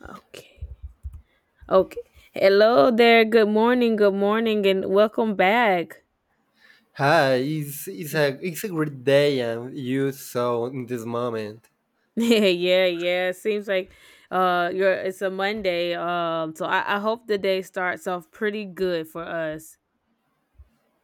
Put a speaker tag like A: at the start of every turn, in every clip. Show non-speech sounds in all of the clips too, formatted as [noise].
A: Okay. Okay. Hello there. Good morning. Good morning and welcome back.
B: Hi, it's a great day and you so in this moment.
A: [laughs] Yeah, yeah, yeah. It seems like you're it's a Monday. So I hope the day starts off pretty good for us.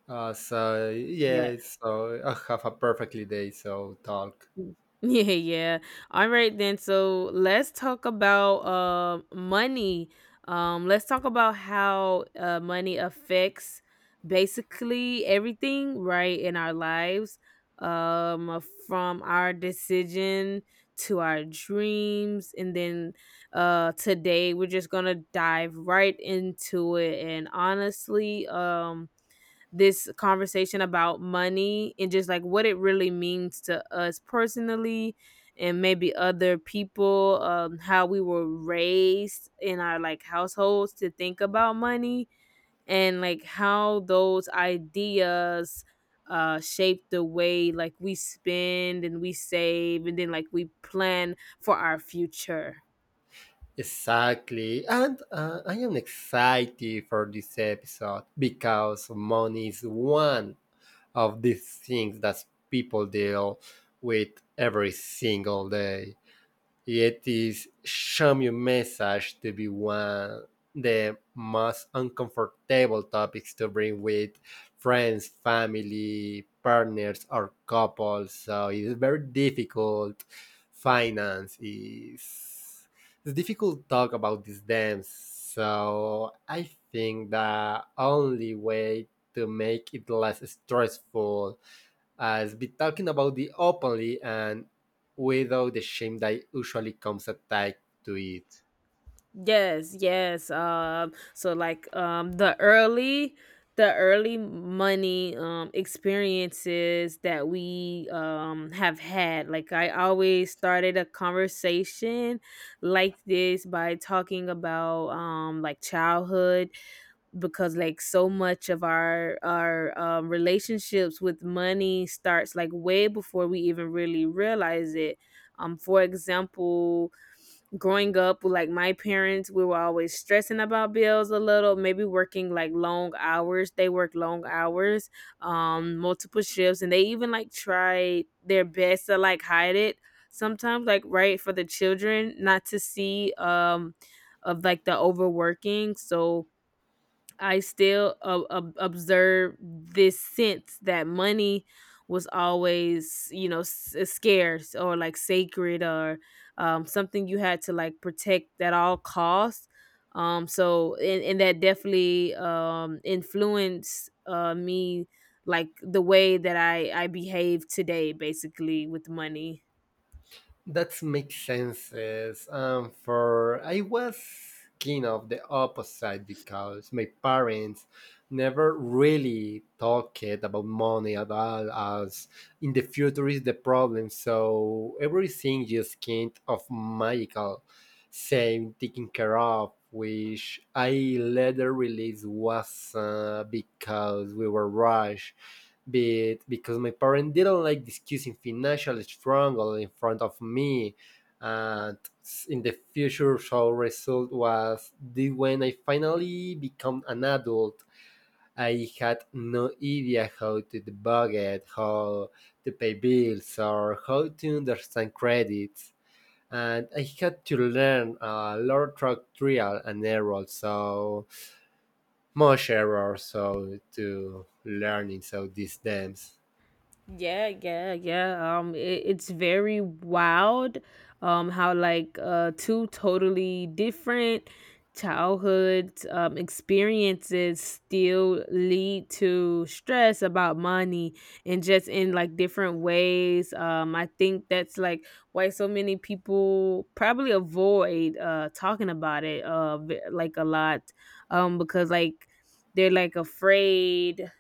B: So
A: Yeah.
B: yeah, so I have a perfectly day. So talk
A: [laughs] Yeah, yeah. All right then. So let's talk about money. Let's talk about how money affects basically everything, right, in our lives. Um, from our decision to our dreams, and then today we're just gonna dive right into it. And honestly, this conversation about money and just like what it really means to us personally and maybe other people, how we were raised in our like households to think about money, and like how those ideas shape the way like we spend and we save and then like we plan for our future.
B: exactly, and I am excited for this episode because money is one of these things that people deal with every single day. It is Xiaomi message to be one the most uncomfortable topics to bring with friends, family, partners, or couples. So it's very difficult. Finance is it's difficult to talk about these dams. So I think the only way to make it less stressful as be talking about it openly and without the shame that usually comes attached to it.
A: Yes, yes. So like the early money experiences that we have had. Like I always started a conversation like this by talking about like childhood, because like so much of our relationships with money starts like way before we even really realize it. For example, growing up like my parents, we were always stressing about bills a little, maybe working like long hours, they work long hours, multiple shifts, and they even like try their best to like hide it sometimes, like right, for the children not to see, of like the overworking. So I still observe this sense that money was always, you know, scarce or like sacred or something you had to like protect at all costs. So, and that definitely influenced me, like the way that I behave today, basically with money.
B: That makes sense. For I was kind of the opposite because my parents never really talked about money at all as in the future is the problem. So everything just kind of magical same taken care of, which I later realized was because we were rushed but because my parents didn't like discussing financial struggle in front of me and in the future so result was that when I finally became an adult I had no idea how to the budget how to pay bills or how to understand credits and I had to learn a lot through trial and error so much error so to learning so these dams.
A: Yeah, yeah, yeah. It's very wild. How like two totally different childhood experiences still lead to stress about money, and just in like different ways. I think that's like why so many people probably avoid talking about it like a lot. Because like they're like afraid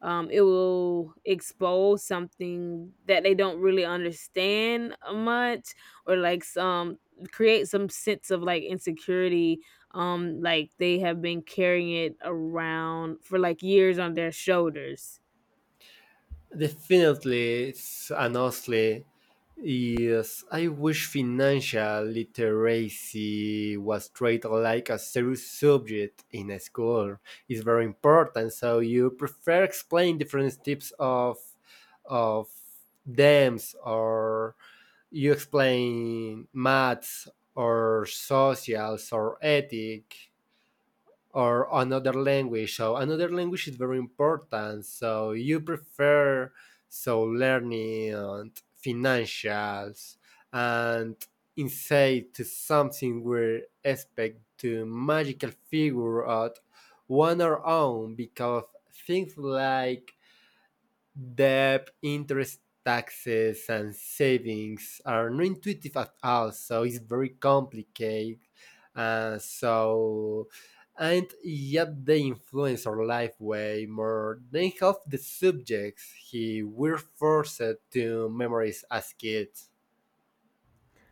A: it will expose something that they don't really understand much, or like some create some sense of like insecurity, like they have been carrying it around for like years on their shoulders.
B: And honestly, yes, I wish financial literacy was treated like a serious subject in a school. It's very important. So you prefer explain different types of dams, or you explain maths, or socials, or ethic or another language. So another language is very important. So you prefer so learning and financials and insight to something where expect to magical figure out one or own because things like debt, interest, taxes, and savings are not intuitive at all. So it's very complicated. Uh, so, and yet they influence our life way more than half the subjects he were forced to memorize as kids.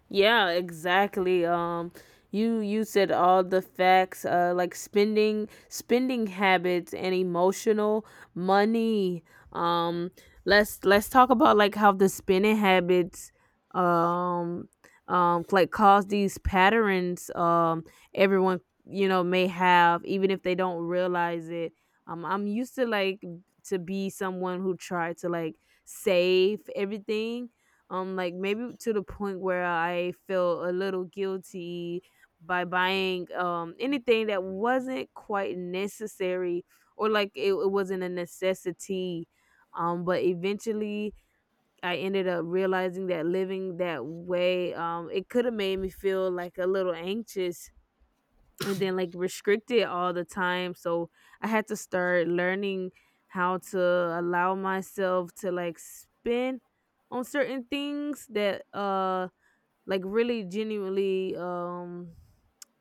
A: Yeah, exactly. You said all the facts. Like spending habits and emotional money. Um, let's talk about like how the spending habits, um, like cause these patterns. Everyone, you know, may have, even if they don't realize it. I'm used to like to be someone who tried to like save everything, like maybe to the point where I feel a little guilty by buying anything that wasn't quite necessary, or like it wasn't a necessity, but eventually I ended up realizing that living that way, it could have made me feel like a little anxious and then like restricted all the time. So I had to start learning how to allow myself to like spend on certain things that like really genuinely um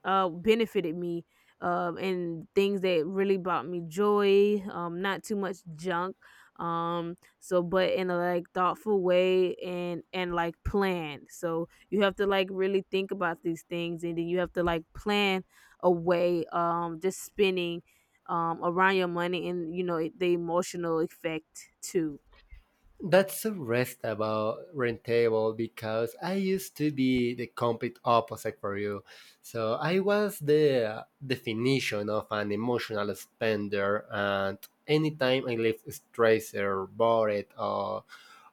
A: uh benefited me, and things that really brought me joy, not too much junk, so but in a like thoughtful way and like planned. So you have to like really think about these things, and then you have to like plan a way just spending around your money, and you know the emotional effect too.
B: That's so restable, rentable because I used to be the complete opposite for you. So I was the definition of an emotional spender, and anytime I left stressed or bored or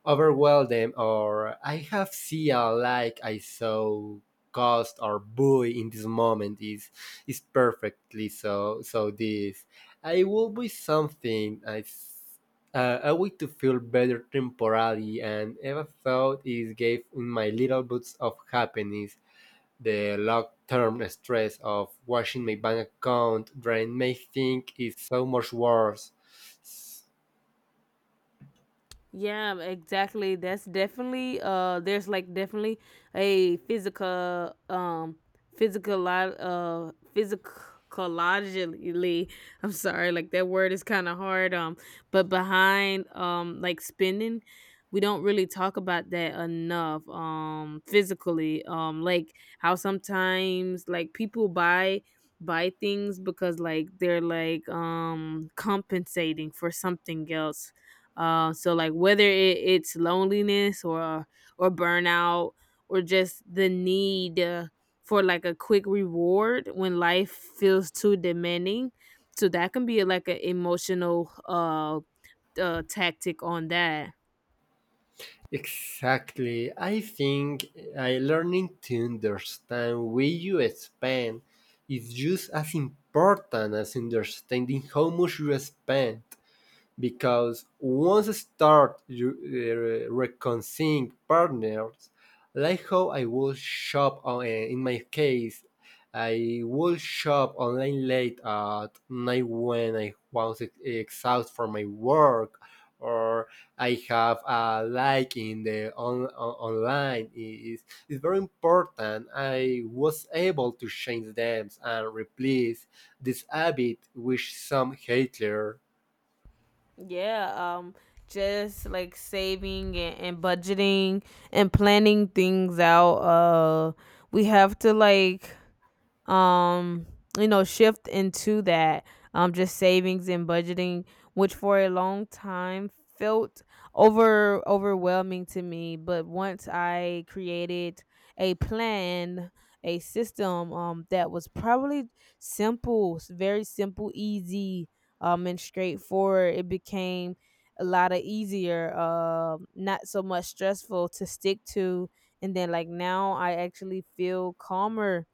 B: overwhelm them, or I have see a like I saw cost or buoy in this moment is perfectly so so this I will be something a way to feel better temporarily and ever thought is gave in my little boots of happiness the long term stress of watching my bank account drain may think is so much worse.
A: Yeah, exactly. That's definitely, there's like definitely a physical physicologically, I'm sorry, like that word is kind of hard, but behind like spending, we don't really talk about that enough, physically, like how sometimes like people buy things because like they're like compensating for something else, so like whether it's loneliness or burnout, or just the need, for like a quick reward when life feels too demanding. So that can be like an emotional tactic on that.
B: Exactly. I think I learning to understand where you spend is just as important as understanding how much you spend because once I start you, reconciling partners, like how I will shop on, in my case, I will shop online late at night when I was exhausted from my work, or I have a like in the online. It's very important. I was able to change them and replace this habit with some Hitler.
A: Yeah, just like saving and budgeting and planning things out. We have to like um you know shift into that, just savings and budgeting, which for a long time felt overwhelming to me. But once I created a plan, a system, that was probably very simple, easy, and straightforward, it became a lot of easier, not so much stressful to stick to. And then like now I actually feel calmer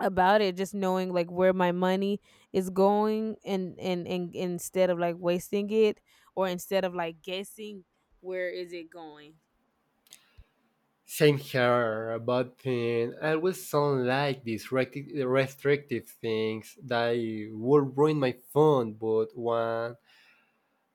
A: about it, just knowing like where my money is going, and instead of like wasting it, or instead of like guessing where is it going.
B: Same here, but I always sound like these restrictive things that would ruin my fun. But one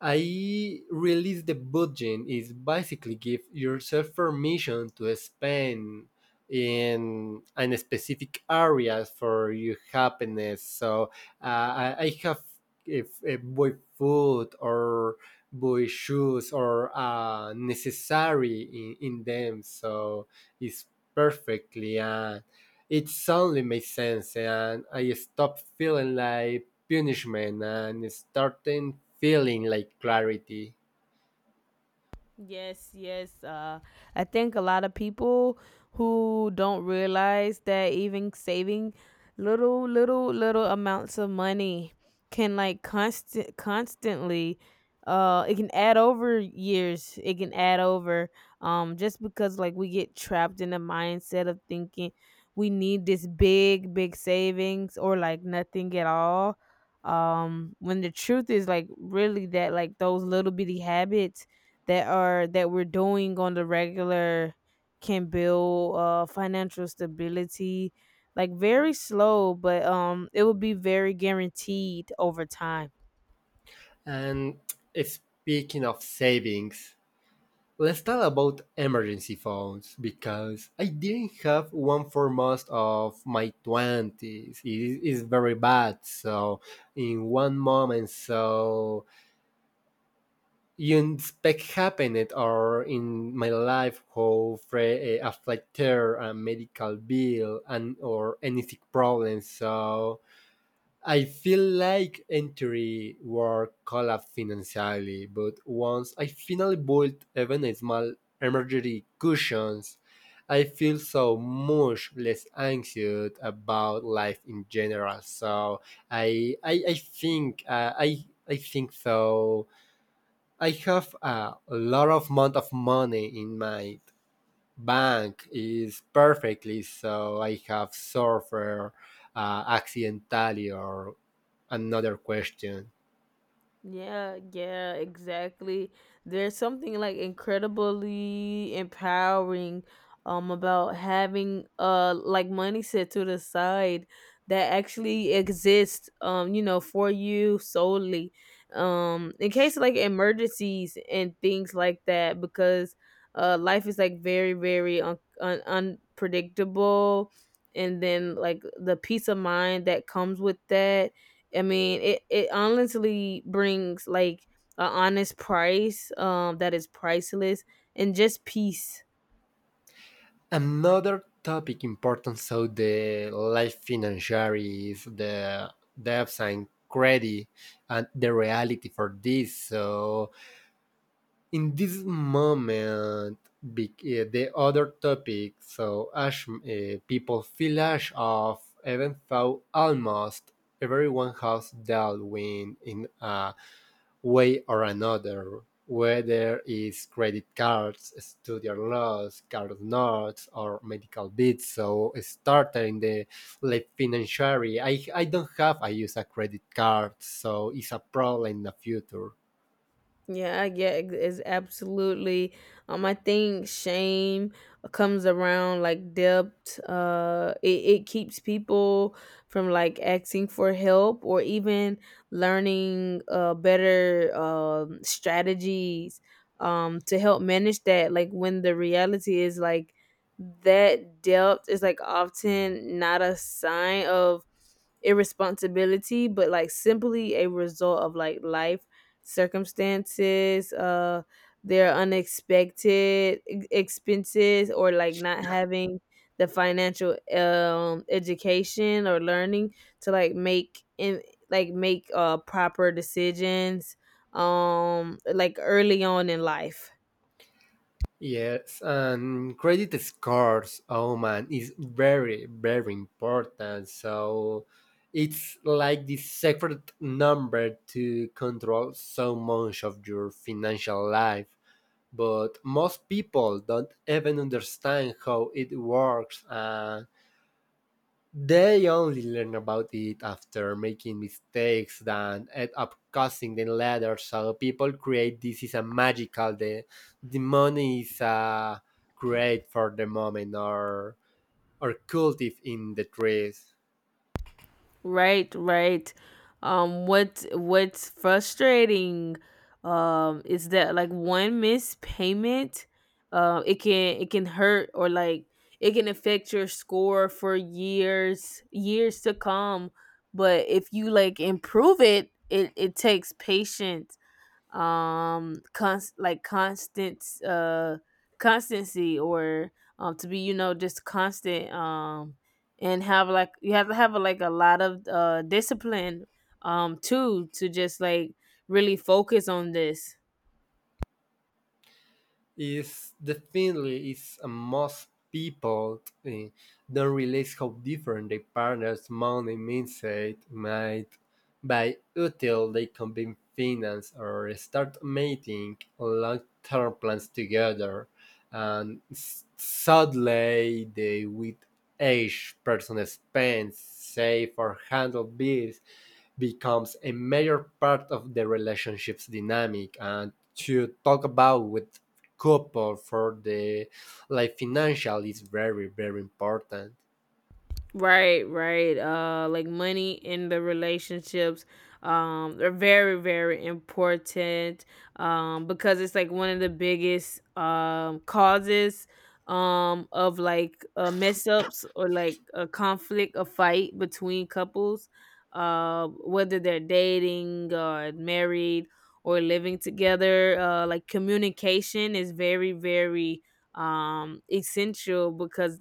B: I release the budget is basically give yourself permission to spend in specific areas for your happiness. So I have if buy food or buy shoes or necessary in them. So it's perfectly and it suddenly makes sense and I stop feeling like punishment and starting feeling like clarity.
A: Yes, yes. I think a lot of people who don't realize that even saving little amounts of money can like constantly, it can add over years. It can add over, just because like we get trapped in the mindset of thinking we need this big savings or like nothing at all. When the truth is like really that like those little bitty habits that are that we're doing on the regular can build financial stability, like very slow, but it will be very guaranteed over time.
B: And speaking of savings, let's talk about emergency phones because I didn't have one for most of my 20s. It is very bad. So, in one moment, so you expect happened or in my life how affected a medical bill and or any sick problem. So, I feel like entry work collapsed financially, but once I finally built even a small emergency cushions, I feel so much less anxious about life in general. So I think so. I have a lot of amount of money in my bank is perfectly so I have suffered accidentally or another question.
A: Yeah, yeah, exactly. There's something like incredibly empowering about having like money set to the side that actually exists, you know, for you solely, in case of like emergencies and things like that, because life is like very very unpredictable. And then like the peace of mind that comes with that, I mean, it honestly brings like a honest price that is priceless, and just peace.
B: Another topic important, so the life financiary is the debts and credit and the reality for this. So in this moment, the other topic, so ash, people feel ash off, even though almost everyone has dealt with in a way or another, whether it's credit cards, student loans, car notes, or medical bills. So started in the late financiary. I don't have. I use a credit card, so it's a problem in the future.
A: Yeah, yeah, it's absolutely. I think shame comes around like debt. It keeps people from like asking for help, or even learning better strategies to help manage that. Like when the reality is like that debt is like often not a sign of irresponsibility, but like simply a result of like life circumstances, their unexpected expenses, or like not having the financial education or learning to like make proper decisions like early on in life.
B: Yes, and credit scores, oh man, is very, very important. So it's like the secret number to control so much of your financial life. But most people don't even understand how it works and they only learn about it after making mistakes that end up causing them later. So people create this is a magical the money is great for the moment or cultive in the trees.
A: Right, right. What's frustrating, is that like one missed payment, it can hurt, or like it can affect your score for years years to come. But if you like improve it, it takes patience, constant constancy, or to be, you know, just constant, and have like you have to have like a lot of discipline, too to just like really focus on this.
B: Is definitely is a most people don't realize how different their partner's money mindset might by until they combine finance or start making long-term plans together and suddenly they with age person spends save or handle bills becomes a major part of the relationship's dynamic and to talk about with couple for the like financial is very very important.
A: Right, right. Like money in the relationships, are very, very important. Because it's like one of the biggest causes of like mess ups, or like a conflict, a fight between couples, whether they're dating or married or living together. Like communication is very, very essential. Because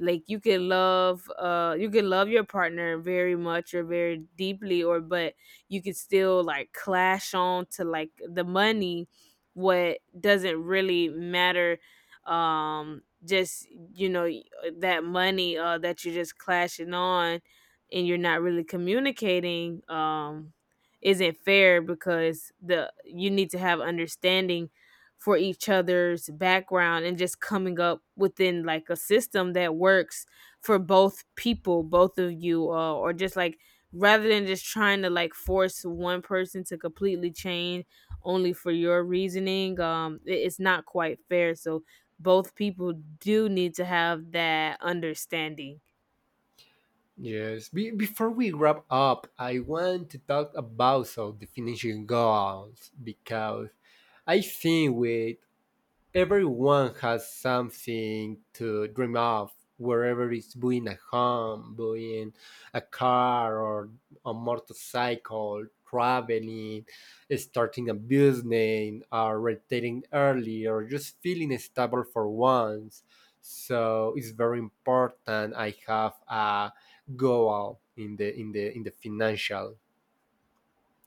A: like you can love your partner very much, or very deeply, or but you could still like clash on to like the money, what doesn't really matter, just you know that money that you're just clashing on, and you're not really communicating, isn't fair, because the you need to have understanding for each other's background, and just coming up within like a system that works for both people, both of you, or just like rather than just trying to like force one person to completely change only for your reasoning, it's not quite fair. So both people do need to have that understanding.
B: Yes. Before we wrap up I want to talk about so the finishing goals because I think with everyone has something to dream of, wherever it's buying a home, buying a car or a motorcycle, traveling, starting a business, or retiring early, or just feeling stable for once. So it's very important I have a goal in the financial.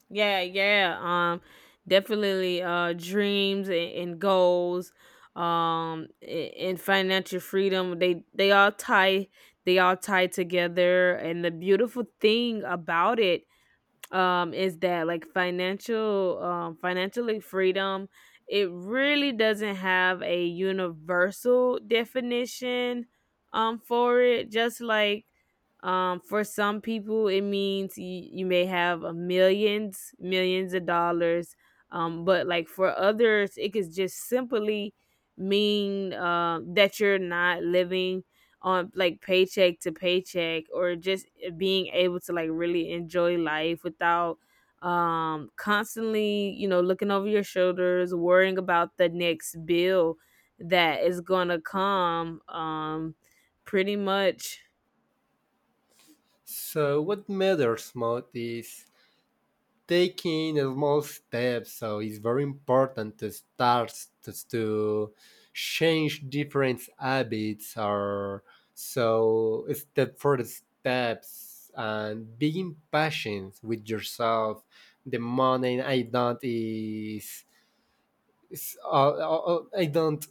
A: Yeah, yeah. Definitely. Dreams and goals. And financial freedom. They all tie. They all tie together. And the beautiful thing about it is that like financially freedom, it really doesn't have a universal definition for it, just like for some people it means you may have a millions of dollars. But like for others, it could just simply mean that you're not living on like paycheck to paycheck, or just being able to like really enjoy life without constantly, you know, looking over your shoulders, worrying about the next bill that is gonna come, pretty much
B: So what matters most is taking small steps so it's very important to start to change different habits or so step for steps and being patient with yourself the morning I don't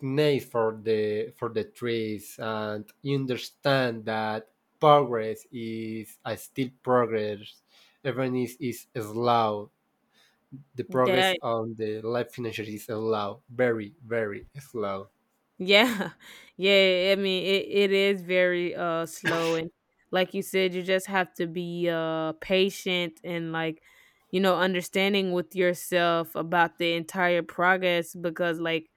B: need for the trees and you understand that progress is I still progress even is slow the progress
A: that.
B: on the life finisher is slow, very, very slow.
A: Yeah. [laughs] Yeah, I mean it is very slow, and like you said, you just have to be patient, and like, you know, understanding with yourself about the entire progress. Because like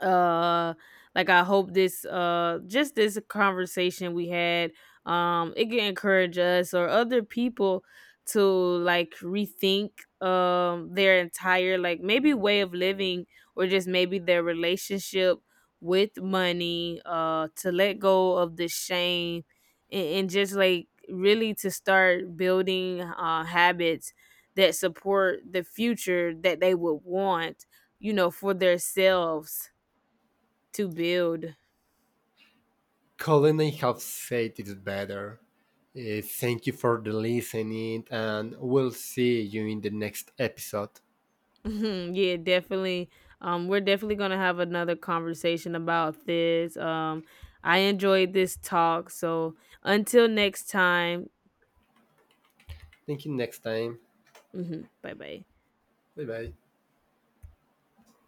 A: uh I hope this just this conversation we had, it can encourage us or other people to like rethink their entire like maybe way of living, or just maybe their relationship with money, to let go of the shame, and just like really to start building habits that support the future that they would want, you know, for themselves to build.
B: Couldn't I have said it better? Thank you for the listening, and we'll see you in the next episode.
A: Mhm, yeah, definitely. We're definitely gonna have another conversation about this. I enjoyed this talk. So until next time,
B: Thank you next time.
A: bye bye.
B: Bye bye.